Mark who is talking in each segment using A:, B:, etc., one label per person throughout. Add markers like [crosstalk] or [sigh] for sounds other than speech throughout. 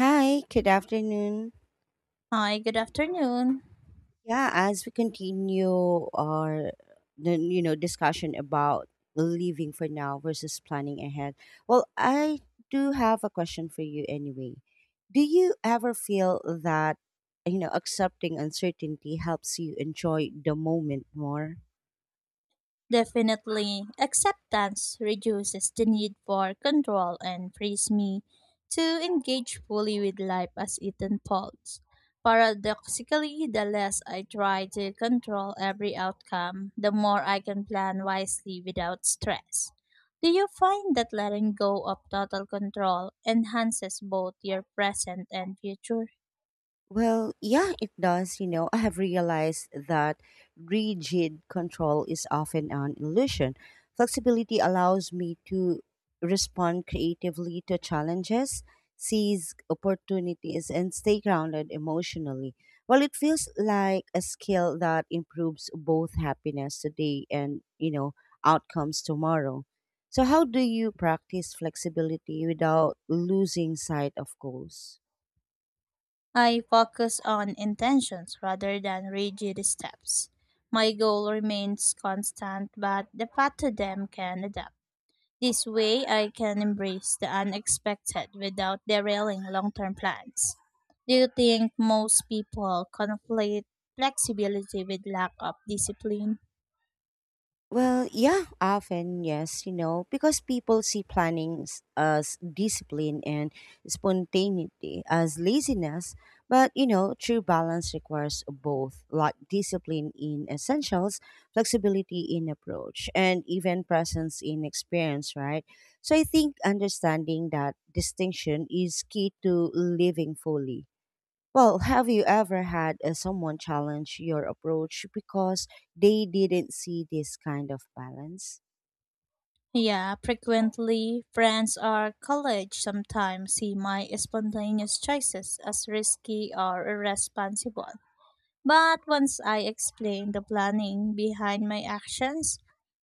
A: Hi, good afternoon.
B: Hi, good afternoon.
A: Yeah, as we continue our the you know discussion about leaving for now versus planning ahead. Well, I do have a question for you anyway. Do you ever feel that accepting uncertainty helps you enjoy the moment more?
B: Definitely, acceptance reduces the need for control and frees me to engage fully with life as it unfolds. Paradoxically, the less I try to control every outcome, the more I can plan wisely without stress. Do you find that letting go of total control enhances both your present and future?
A: Well, yeah, it does. You know, I have realized that rigid control is often an illusion. Flexibility allows me to respond creatively to challenges, seize opportunities, and stay grounded emotionally. Well, it feels like a skill that improves both happiness today and, outcomes tomorrow. So, how do you practice flexibility without losing sight of goals?
B: I focus on intentions rather than rigid steps. My goal remains constant, but the path to them can adapt. This way, I can embrace the unexpected without derailing long term plans. Do you think most people conflate flexibility with lack of discipline?
A: Well, yeah, often, yes, because people see planning as discipline and spontaneity as laziness. But, true balance requires both, like discipline in essentials, flexibility in approach, and even presence in experience, right? So I think understanding that distinction is key to living fully. Well, have you ever had someone challenge your approach because they didn't see this kind of balance?
B: Yeah, frequently, friends or college sometimes see my spontaneous choices as risky or irresponsible. But once I explain the planning behind my actions,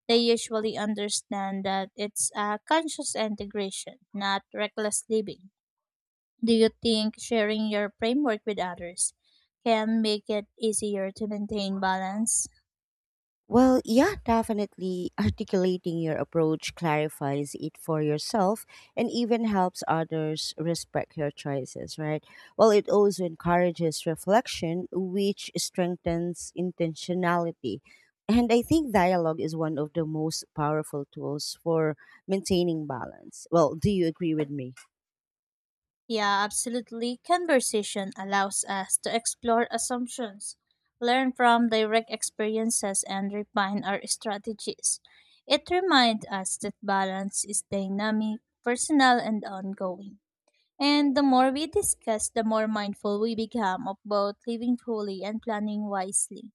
B: they usually understand that it's a conscious integration, not reckless living. Do you think sharing your framework with others can make it easier to maintain balance?
A: Well, yeah, definitely. Articulating your approach clarifies it for yourself and even helps others respect your choices, right? Well, it also encourages reflection, which strengthens intentionality. And I think dialogue is one of the most powerful tools for maintaining balance. Well, do you agree with me?
B: Yeah, absolutely. Conversation allows us to explore assumptions, learn from direct experiences, and refine our strategies. It reminds us that balance is dynamic, personal, and ongoing. And the more we discuss, the more mindful we become of both living fully and planning wisely.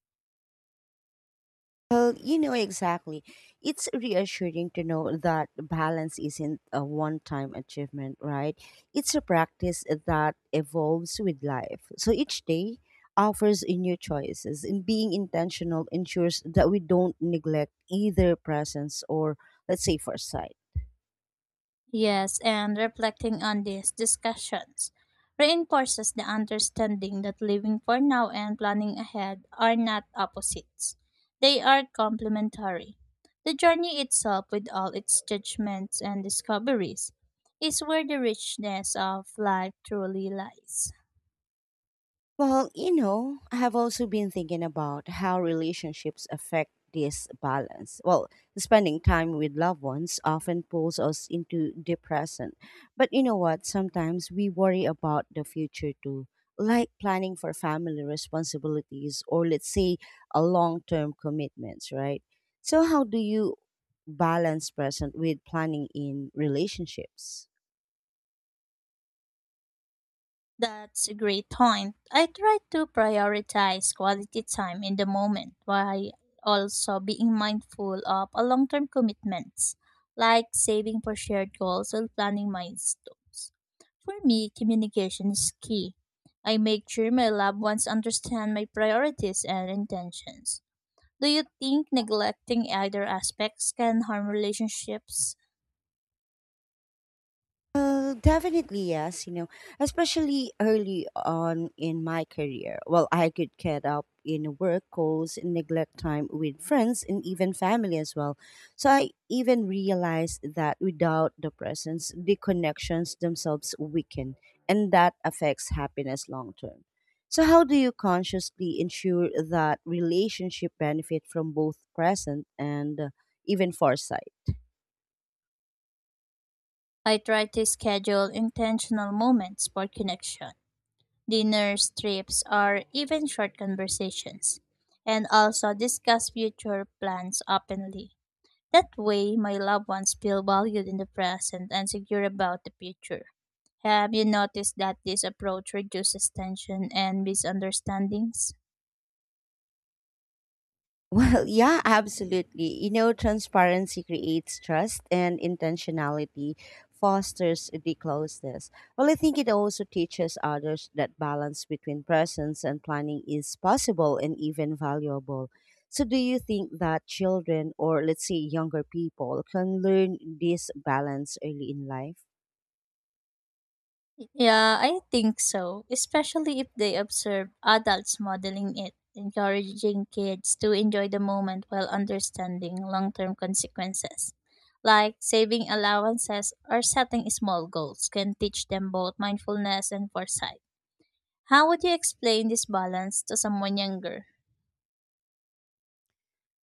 A: Well, exactly. It's reassuring to know that balance isn't a one time achievement, right? It's a practice that evolves with life. So each day offers a new choices, and being intentional ensures that we don't neglect either presence or, let's say, foresight.
B: Yes, and reflecting on these discussions reinforces the understanding that living for now and planning ahead are not opposites. They are complementary. The journey itself, with all its judgments and discoveries, is where the richness of life truly lies.
A: Well, I have also been thinking about how relationships affect this balance. Well, spending time with loved ones often pulls us into the present. But you know what? Sometimes we worry about the future too, like planning for family responsibilities or, let's say, a long term commitments, right? So, how do you balance present with planning in relationships?
B: That's a great point. I try to prioritize quality time in the moment while also being mindful of a long term commitments, like saving for shared goals and planning milestones. For me, communication is key. I make sure my loved ones understand my priorities and intentions. Do you think neglecting either aspects can harm relationships?
A: Well, definitely yes, especially early on in my career. Well, I could get up in work calls and neglect time with friends and even family as well. So I even realized that without the presence, the connections themselves weaken and that affects happiness long term. So how do you consciously ensure that relationship benefit from both present and even foresight?
B: I try to schedule intentional moments for connection. Dinner trips, or even short conversations, and also discuss future plans openly. That way, my loved ones feel valued in the present and secure about the future. Have you noticed that this approach reduces tension and misunderstandings?
A: Well, yeah, absolutely. You know, transparency creates trust and intentionality fosters the closeness. Well, I think it also teaches others that balance between presence and planning is possible and even valuable. So, do you think that children or, let's say, younger people can learn this balance early in life?
B: Yeah, I think so, especially if they observe adults modeling it, encouraging kids to enjoy the moment while understanding long term consequences. Like saving allowances or setting small goals can teach them both mindfulness and foresight. How would you explain this balance to someone younger?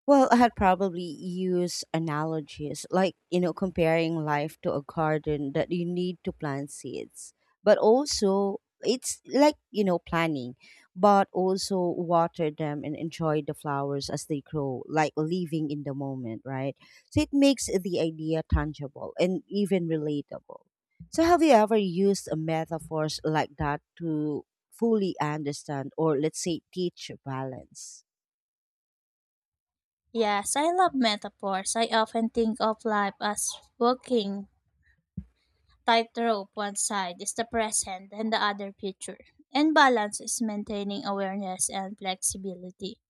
A: Well, I had probably use analogies like, comparing life to a garden that you need to plant seeds. But also, it's like, planning, but also water them and enjoy the flowers as they grow, like living in the moment, right? So it makes the idea tangible and even relatable. So, have you ever used a metaphors like that to fully understand or, let's say, teach balance?
B: Yes, I love metaphors. I often think of life as walking tightrope, one side is the present and the other future. And balance is maintaining awareness and flexibility.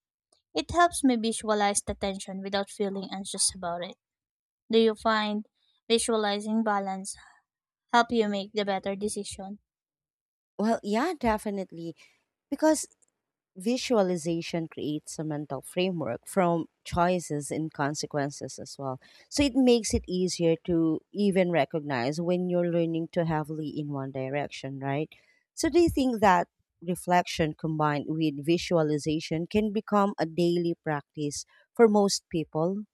B: It helps me visualize the tension without feeling anxious about it. Do you find visualizing balance help you make the better decision?
A: Well, yeah, definitely. Because visualization creates a mental framework from choices and consequences as well. So it makes it easier to even recognize when you're learning too heavily in one direction, right? So do you think that reflection combined with visualization can become a daily practice for most people?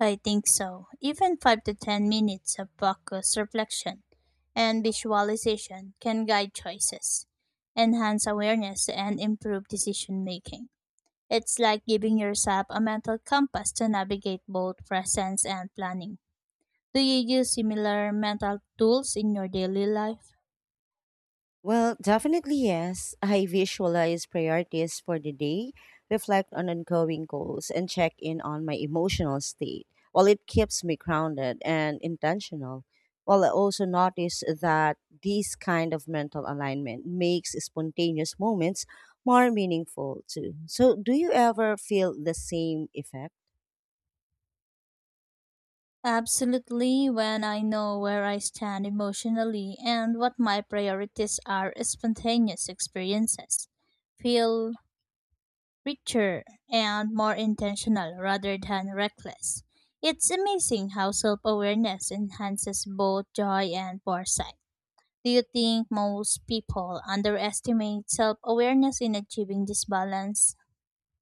B: I think so. Even 5 to 10 minutes of focus, reflection, and visualization can guide choices, enhance awareness, and improve decision making. It's like giving yourself a mental compass to navigate both presence and planning. Do you use similar mental tools in your daily life?
A: Well, definitely yes. I visualize priorities for the day, reflect on ongoing goals, and check in on my emotional state. While it keeps me grounded and intentional, while I also notice that this kind of mental alignment makes spontaneous moments more meaningful too. So, do you ever feel the same effect?
B: Absolutely, when I know where I stand emotionally and what my priorities are, spontaneous experiences feel richer and more intentional rather than reckless. It's amazing how self awareness enhances both joy and foresight. Do you think most people underestimate self awareness in achieving this balance?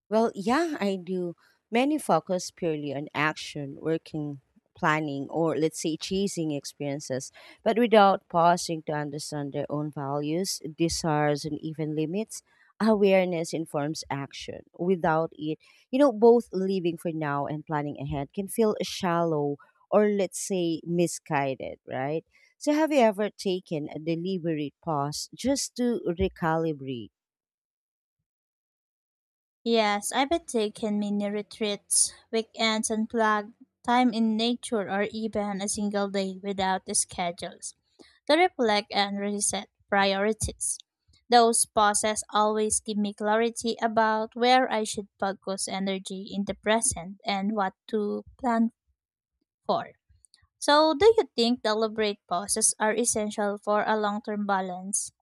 A: Well, yeah, I do. Many focus purely on action, working, planning, or let's say chasing experiences, but without pausing to understand their own values, desires, and even limits. Awareness informs action. Without it, both living for now and planning ahead can feel shallow or let's say misguided, right? So, have you ever taken a deliberate pause just to recalibrate?
B: Yes, I bet taking mini retreats, weekends unplugged, time in nature, or even a single day without schedules to reflect and reset priorities. Those pauses always give me clarity about where I should focus energy in the present and what to plan for. So, do you think deliberate pauses are essential for a long term balance?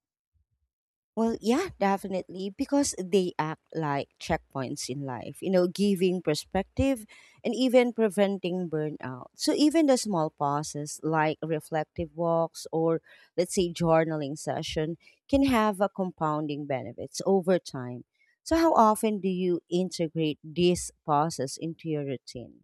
A: Well, yeah, definitely, because they act like checkpoints in life, giving perspective and even preventing burnout. So, even the small pauses like reflective walks or, let's say, journaling session can have a compounding benefits over time. So, how often do you integrate these pauses into your routine?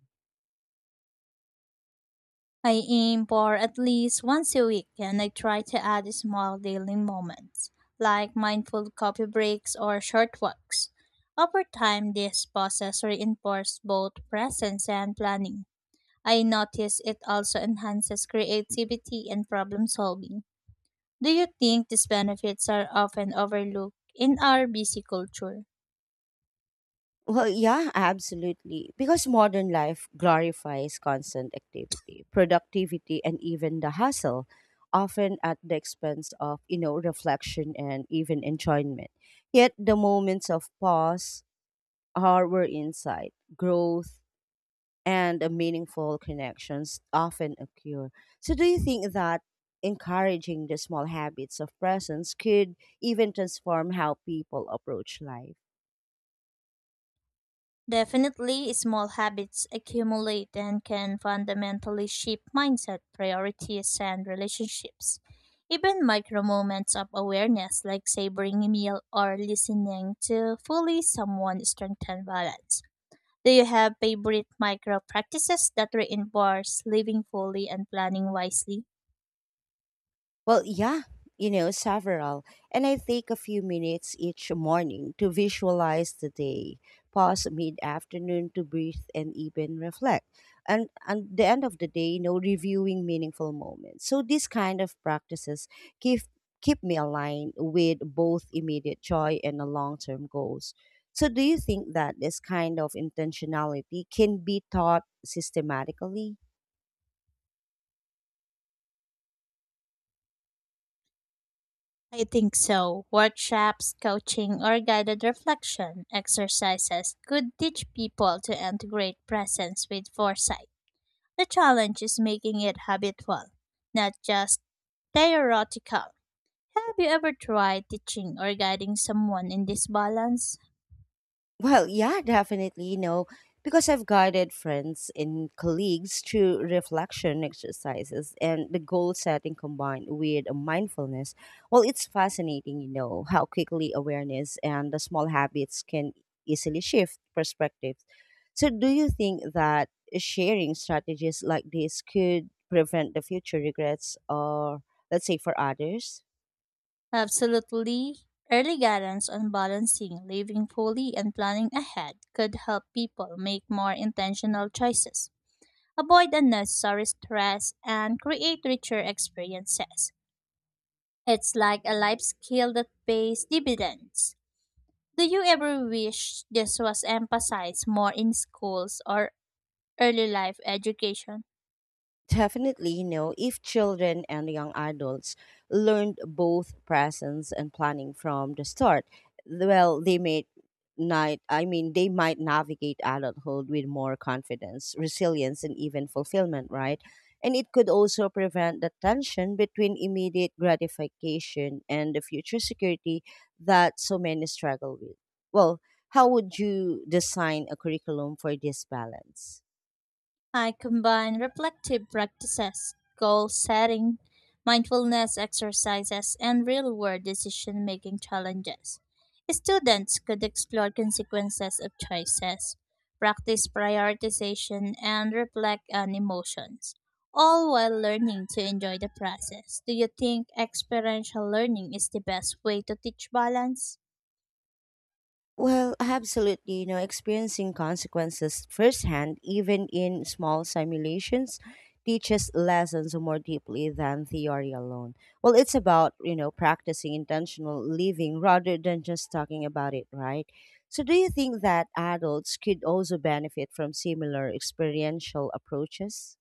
B: I aim for at least once a week and I try to add small daily moments, like mindful coffee breaks or short walks. Over time, these pauses reinforce both presence and planning. I notice it also enhances creativity and problem solving. Do you think these benefits are often overlooked in our busy culture?
A: Well, yeah, absolutely. Because modern life glorifies constant activity, productivity, and even the hustle, often at the expense of, reflection and even enjoyment. Yet the moments of pause, harbor insight, growth, and a meaningful connections often occur. So do you think that encouraging the small habits of presence could even transform how people approach life?
B: Definitely, small habits accumulate and can fundamentally shape mindset, priorities, and relationships. Even micro moments of awareness, like savoring a meal or listening to fully someone, strengthen balance. Do you have favorite micro practices that reinforce living fully and planning wisely?
A: Well, yeah, several. And I take a few minutes each morning to visualize the day, pause mid afternoon to breathe and even reflect. And at the end of the day, reviewing meaningful moments. So these kind of practices keep keep me aligned with both immediate joy and the long term goals. So do you think that this kind of intentionality can be taught systematically?
B: I think so. Workshops, coaching, or guided reflection exercises could teach people to integrate presence with foresight. The challenge is making it habitual, not just theoretical. Have you ever tried teaching or guiding someone in this balance?
A: Well, yeah, definitely. You know, because I've guided friends and colleagues through reflection exercises and the goal setting combined with mindfulness. Well, it's fascinating, how quickly awareness and the small habits can easily shift perspectives. So, do you think that sharing strategies like this could prevent the future regrets or, let's say, for others?
B: Absolutely. Early guidance on balancing, living fully, and planning ahead could help people make more intentional choices, avoid unnecessary stress, and create richer experiences. It's like a life skill that pays dividends. Do you ever wish this was emphasized more in schools or early life education.
A: Definitely, if children and young adults learned both presence and planning from the start, well, they may not, I mean, they might navigate adulthood with more confidence, resilience, and even fulfillment, right? And it could also prevent the tension between immediate gratification and the future security that so many struggle with. Well, how would you design a curriculum for this balance?
B: I combine reflective practices, goal setting, mindfulness exercises, and real world decision making challenges. Students could explore consequences of choices, practice prioritization, and reflect on emotions, all while learning to enjoy the process. Do you think experiential learning is the best way to teach balance?
A: Well, absolutely. You know, experiencing consequences firsthand, even in small simulations, teaches lessons more deeply than theory alone. Well, it's about, practicing intentional living rather than just talking about it, right? So, do you think that adults could also benefit from similar experiential approaches?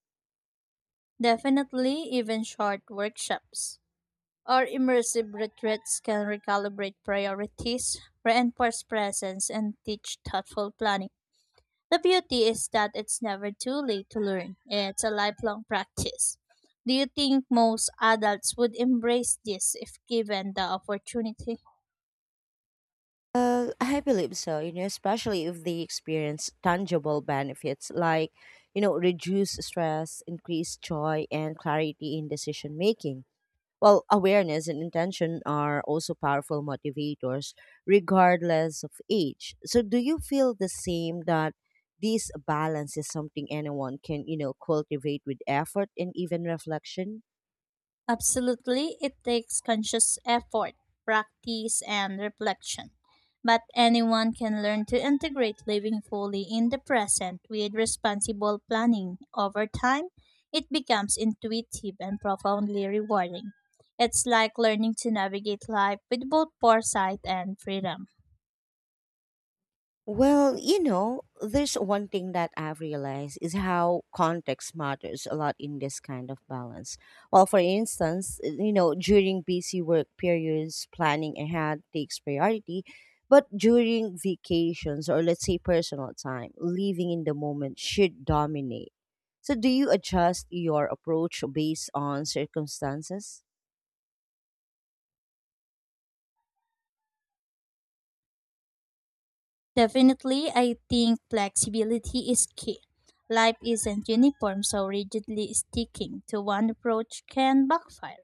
B: Definitely, even short workshops. Our immersive retreats can recalibrate priorities, reinforce presence, and teach thoughtful planning. The beauty is that it's never too late to learn. It's a lifelong practice. Do you think most adults would embrace this if given the opportunity?
A: I believe so, especially if they experience tangible benefits like, reduced stress, increased joy, and clarity in decision making. Well, awareness and intention are also powerful motivators, regardless of age. So, do you feel the same that this balance is something anyone can, cultivate with effort and even reflection?
B: Absolutely, it takes conscious effort, practice, and reflection. But anyone can learn to integrate living fully in the present with responsible planning. Over time, it becomes intuitive and profoundly rewarding. It's like learning to navigate life with both foresight and freedom.
A: Well, there's one thing that I've realized is how context matters a lot in this kind of balance. Well, for instance, during busy work periods, planning ahead takes priority, but during vacations or let's say personal time, living in the moment should dominate. So, do you adjust your approach based on circumstances?
B: Definitely, I think flexibility is key. Life isn't uniform, so rigidly sticking to one approach can backfire.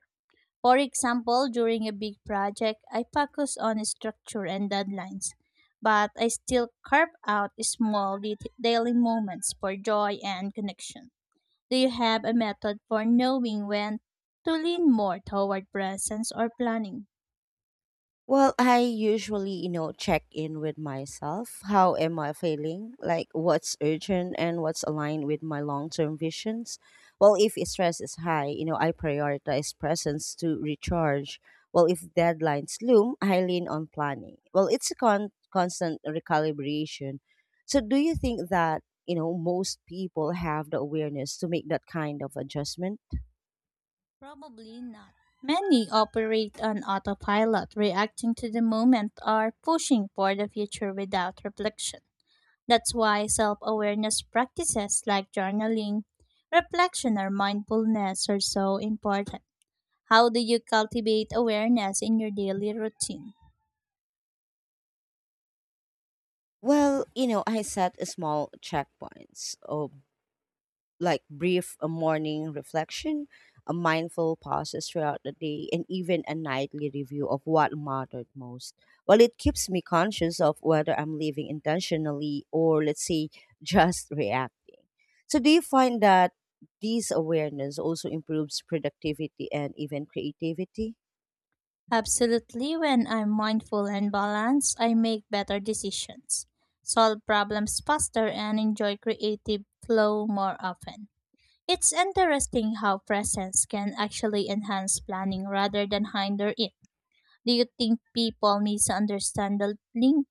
B: For example, during a big project, I focus on structure and deadlines, but I still carve out small daily moments for joy and connection. Do you have a method for knowing when to lean more toward presence or planning?
A: Well, I usually, check in with myself. How am I feeling? Like, what's urgent and what's aligned with my long term visions? Well, if stress is high, I prioritize presence to recharge. Well, if deadlines loom, I lean on planning. Well, it's a constant recalibration. So, do you think that, most people have the awareness to make that kind of adjustment?
B: Probably not. Many operate on autopilot, reacting to the moment or pushing for the future without reflection. That's why self awareness practices like journaling, reflection, or mindfulness are so important. How do you cultivate awareness in your daily routine?
A: Well, I set a small checkpoints. Oh, like brief a morning reflection, a mindful pauses throughout the day, and even a nightly review of what mattered most. Well, it keeps me conscious of whether I'm living intentionally or, let's say, just [laughs] reacting. So, do you find that this awareness also improves productivity and even creativity?
B: Absolutely, when I'm mindful and balanced, I make better decisions, solve problems faster, and enjoy creative flow more often. It's interesting how presence can actually enhance planning rather than hinder it. Do you think people misunderstand the link?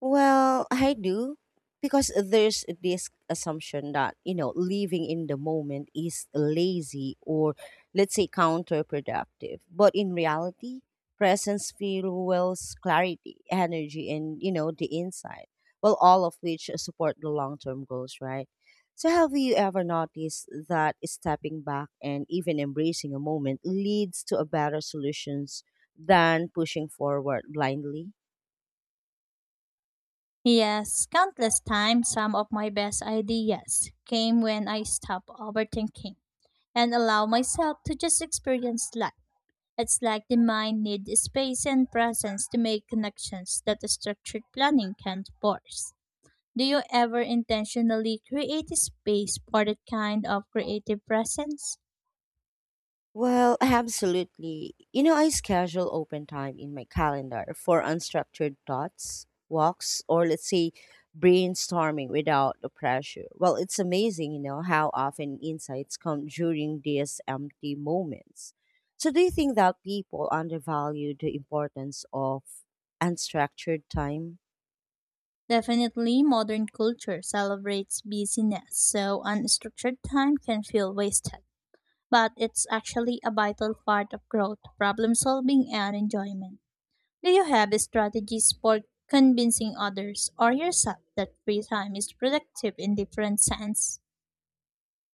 A: Well, I do because there's this assumption that, living in the moment is lazy or let's say counterproductive. But in reality, presence fuels clarity, energy and, the insight. Well, all of which support the long-term goals, right? So have you ever noticed that stepping back and even embracing a moment leads to a better solutions than pushing forward blindly?
B: Yes, countless times some of my best ideas came when I stopped overthinking and allow myself to just experience life. It's like the mind needs space and presence to make connections that structured planning can't force. Do you ever intentionally create a space for that kind of creative presence?
A: Well, absolutely. You know, I schedule open time in my calendar for unstructured thoughts, walks, or let's say brainstorming without the pressure. Well, it's amazing, how often insights come during these empty moments. So, do you think that people undervalue the importance of unstructured time?
B: Definitely, modern culture celebrates busyness, so unstructured time can feel wasted, but it's actually a vital part of growth, problem solving, and enjoyment. Do you have strategies for convincing others or yourself that free time is productive in different sense?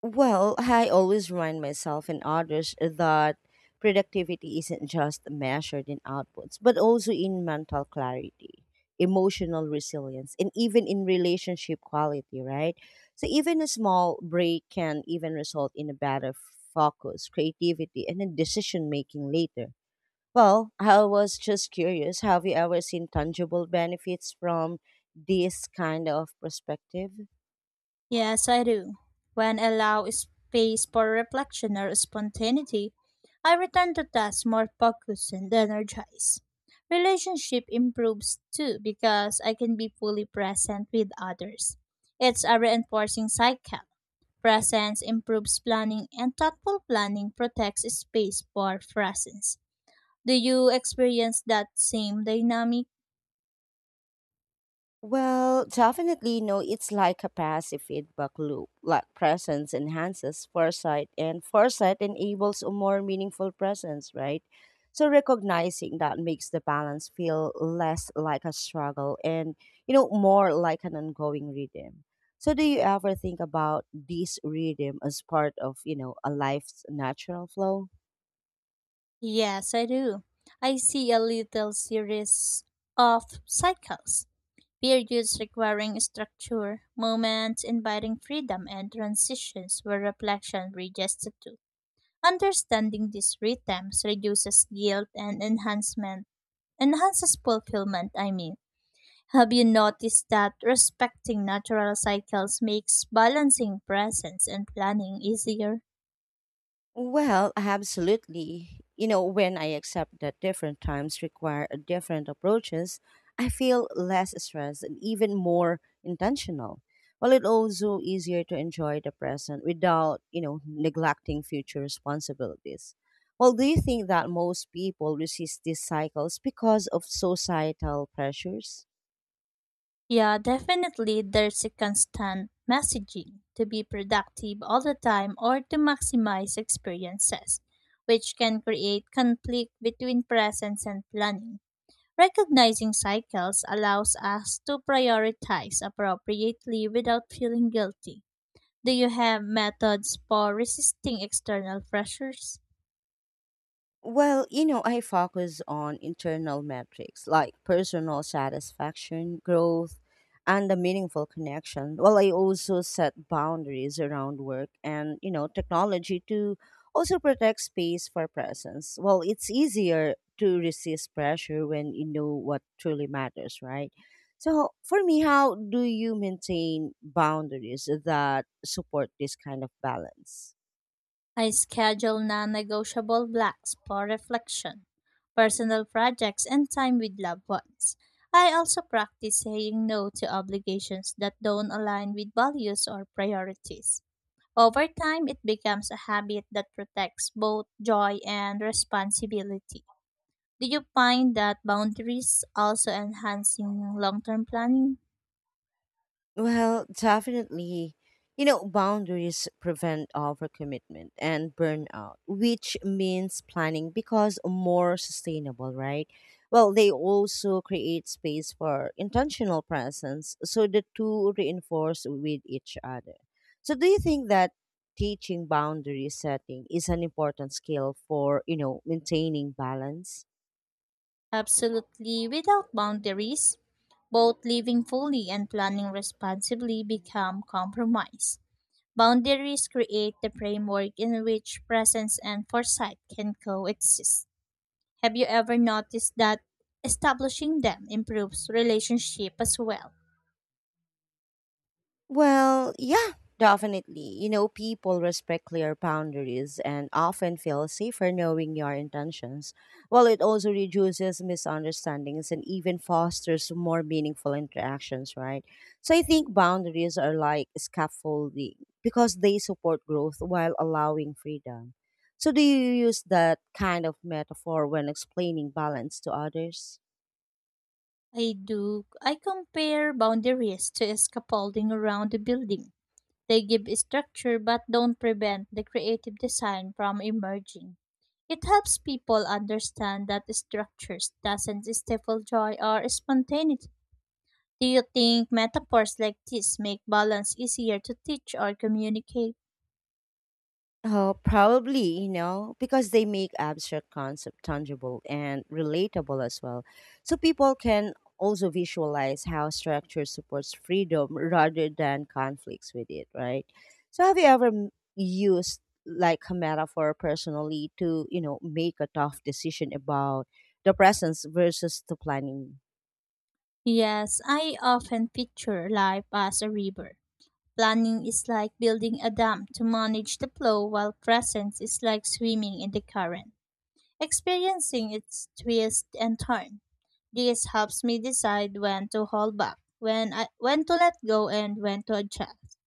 A: Well, I always remind myself and others that productivity isn't just measured in outputs, but also in mental clarity, emotional resilience, and even in relationship quality, right? So, even a small break can even result in a better focus, creativity, and then decision making later. Well, I was just curious have you ever seen tangible benefits from this kind of perspective?
B: Yes, I do. When I allow space for reflection or spontaneity, I return to tasks more focused and energized. Relationship improves too because I can be fully present with others. It's a reinforcing cycle. Presence improves planning and thoughtful planning protects space for presence. Do you experience that same dynamic?
A: Well, definitely no, it's like a passive feedback loop. Like presence enhances foresight, and foresight enables a more meaningful presence, right? So recognizing that makes the balance feel less like a struggle and, more like an ongoing rhythm. So do you ever think about this rhythm as part of, a life's natural flow?
B: Yes, I do. I see a little series of cycles, periods requiring structure, moments inviting freedom, and transitions where reflection bridges the two. Understanding these rhythms reduces guilt and enhancement enhances fulfillment, I mean. Have you noticed that respecting natural cycles makes balancing presence and planning easier?
A: Well, absolutely. You know, when I accept that different times require a different approaches, I feel less stressed and even more intentional. Well, it also easier to enjoy the present without, neglecting future responsibilities. Well, do you think that most people resist these cycles because of societal pressures?
B: Yeah, definitely there's a constant messaging to be productive all the time or to maximize experiences, which can create conflict between presence and planning. Recognizing cycles allows us to prioritize appropriately without feeling guilty. Do you have methods for resisting external pressures?
A: Well, I focus on internal metrics like personal satisfaction, growth, and a meaningful connection. Well, I also set boundaries around work and, technology to also protect space for presence. Well, it's easier to resist pressure when you know what truly matters, right? So, for me, how do you maintain boundaries that support this kind of balance?
B: I schedule non negotiable blocks for reflection, personal projects, and time with loved ones. I also practice saying no to obligations that don't align with values or priorities. Over time, it becomes a habit that protects both joy and responsibility. Do you find that boundaries also enhancing long term planning?
A: Well, definitely. You know, boundaries prevent overcommitment and burnout, which means planning because more sustainable, right? Well, they also create space for intentional presence, so the two reinforce with each other. So, do you think that teaching boundary setting is an important skill for, maintaining balance?
B: Absolutely, without boundaries, both living fully and planning responsibly become compromise. Boundaries create the framework in which presence and foresight can coexist. Have you ever noticed that establishing them improves relationship as well?
A: Well, yeah, definitely. You know, people respect clear boundaries and often feel safer knowing your intentions. While it also reduces misunderstandings and even fosters more meaningful interactions, right? So I think boundaries are like scaffolding because they support growth while allowing freedom. So do you use that kind of metaphor when explaining balance to others?
B: I do. I compare boundaries to scaffolding around a building. They give structure but don't prevent the creative design from emerging. It helps people understand that structures doesn't stifle joy or spontaneity. Do you think metaphors like this make balance easier to teach or communicate?
A: Oh, probably, you know, because they make abstract concept tangible and relatable as well. So people can also visualize how structure supports freedom rather than conflicts with it, right? So have you ever used like a metaphor personally to, make a tough decision about the presence versus the planning.
B: Yes, I often picture life as a river. Planning is like building a dam to manage the flow, while presence is like swimming in the current. Experiencing its twist and turn. This helps me decide when to hold back, when to let go, and when to adjust.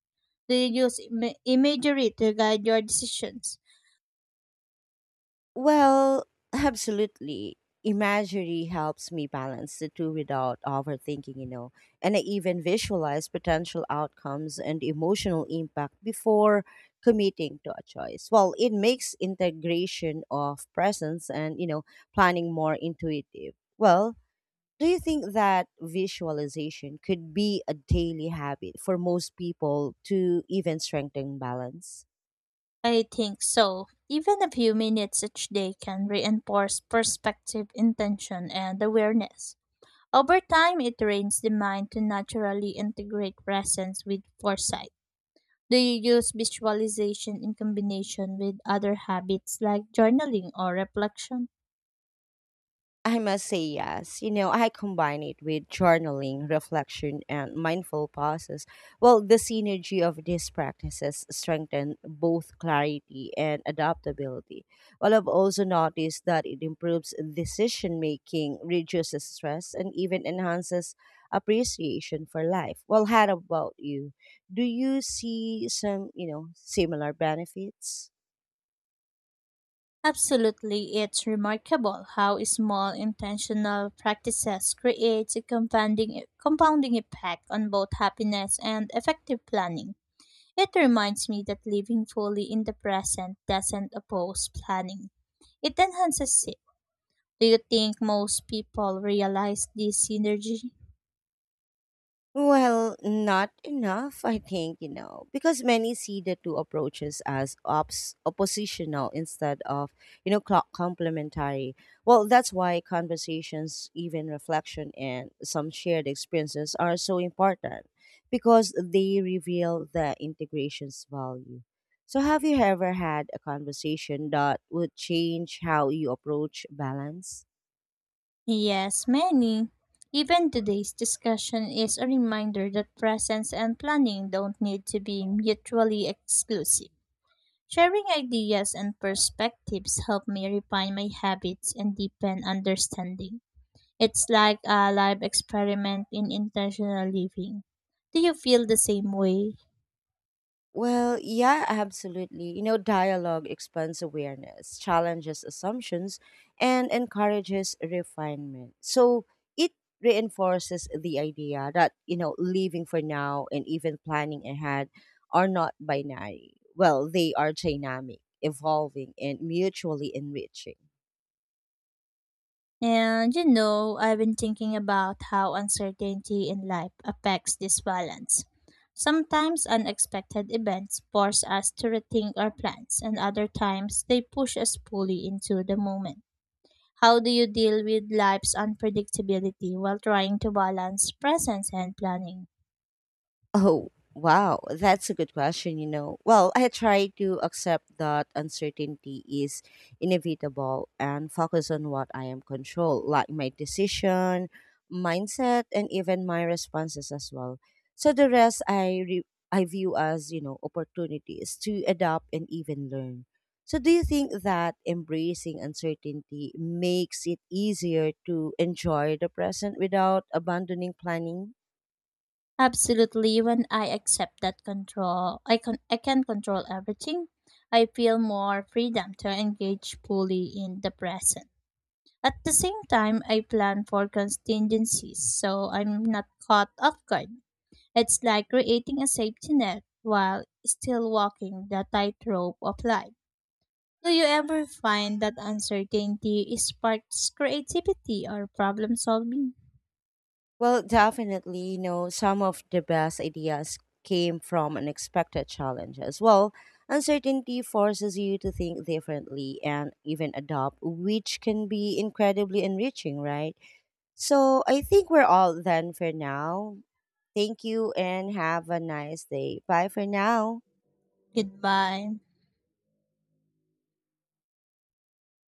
B: Do you use imagery to guide your decisions?
A: Well, absolutely. Imagery helps me balance the two without overthinking, you know, and I even visualize potential outcomes and emotional impact before committing to a choice. Well, it makes integration of presence and, planning more intuitive. Well, do you think that visualization could be a daily habit for most people to even strengthen balance?
B: I think so. Even a few minutes each day can reinforce perspective, intention, and awareness. Over time, it trains the mind to naturally integrate presence with foresight. Do you use visualization in combination with other habits like journaling or reflection?
A: I must say yes. You know, I combine it with journaling, reflection, and mindful pauses. Well, the synergy of these practices strengthen both clarity and adaptability. Well, I've also noticed that it improves decision making, reduces stress, and even enhances appreciation for life. Well, how about you? Do you see some, similar benefits?
B: Absolutely, it's remarkable how small intentional practices create a compounding effect on both happiness and effective planning. It reminds me that living fully in the present doesn't oppose planning, it enhances it. Do you think most people realize this synergy?
A: Well, not enough, I think, you know, because many see the two approaches as oppositional instead of, complementary. Well, that's why conversations, even reflection, and some shared experiences are so important because they reveal the integration's value. So, have you ever had a conversation that would change how you approach balance?
B: Yes, many. Even today's discussion is a reminder that presence and planning don't need to be mutually exclusive. Sharing ideas and perspectives help me refine my habits and deepen understanding. It's like a live experiment in intentional living. Do you feel the same way?
A: Well, yeah, absolutely. You know, dialogue expands awareness, challenges assumptions, and encourages refinement. So it reinforces the idea that, living for now and even planning ahead are not binary. Well, they are dynamic, evolving, and mutually enriching.
B: And I've been thinking about how uncertainty in life affects this balance. Sometimes unexpected events force us to rethink our plans, and other times they push us fully into the moment. How do you deal with life's unpredictability while trying to balance presence and planning?
A: Oh, wow. That's a good question, you know. Well, I try to accept that uncertainty is inevitable and focus on what I am control, like my decision, mindset, and even my responses as well. So the rest I view as, opportunities to adapt and even learn. So do you think that embracing uncertainty makes it easier to enjoy the present without abandoning planning?
B: Absolutely, when I accept that control, I can control everything. I feel more freedom to engage fully in the present. At the same time, I plan for contingencies so I'm not caught off guard. It's like creating a safety net while still walking the tightrope of life. Do you ever find that uncertainty sparks creativity or problem solving?
A: Well, definitely, you know, some of the best ideas came from unexpected challenges. Well, uncertainty forces you to think differently and even adopt, which can be incredibly enriching, right? So I think we're all done for now. Thank you and have a nice day. Bye for now.
B: Goodbye.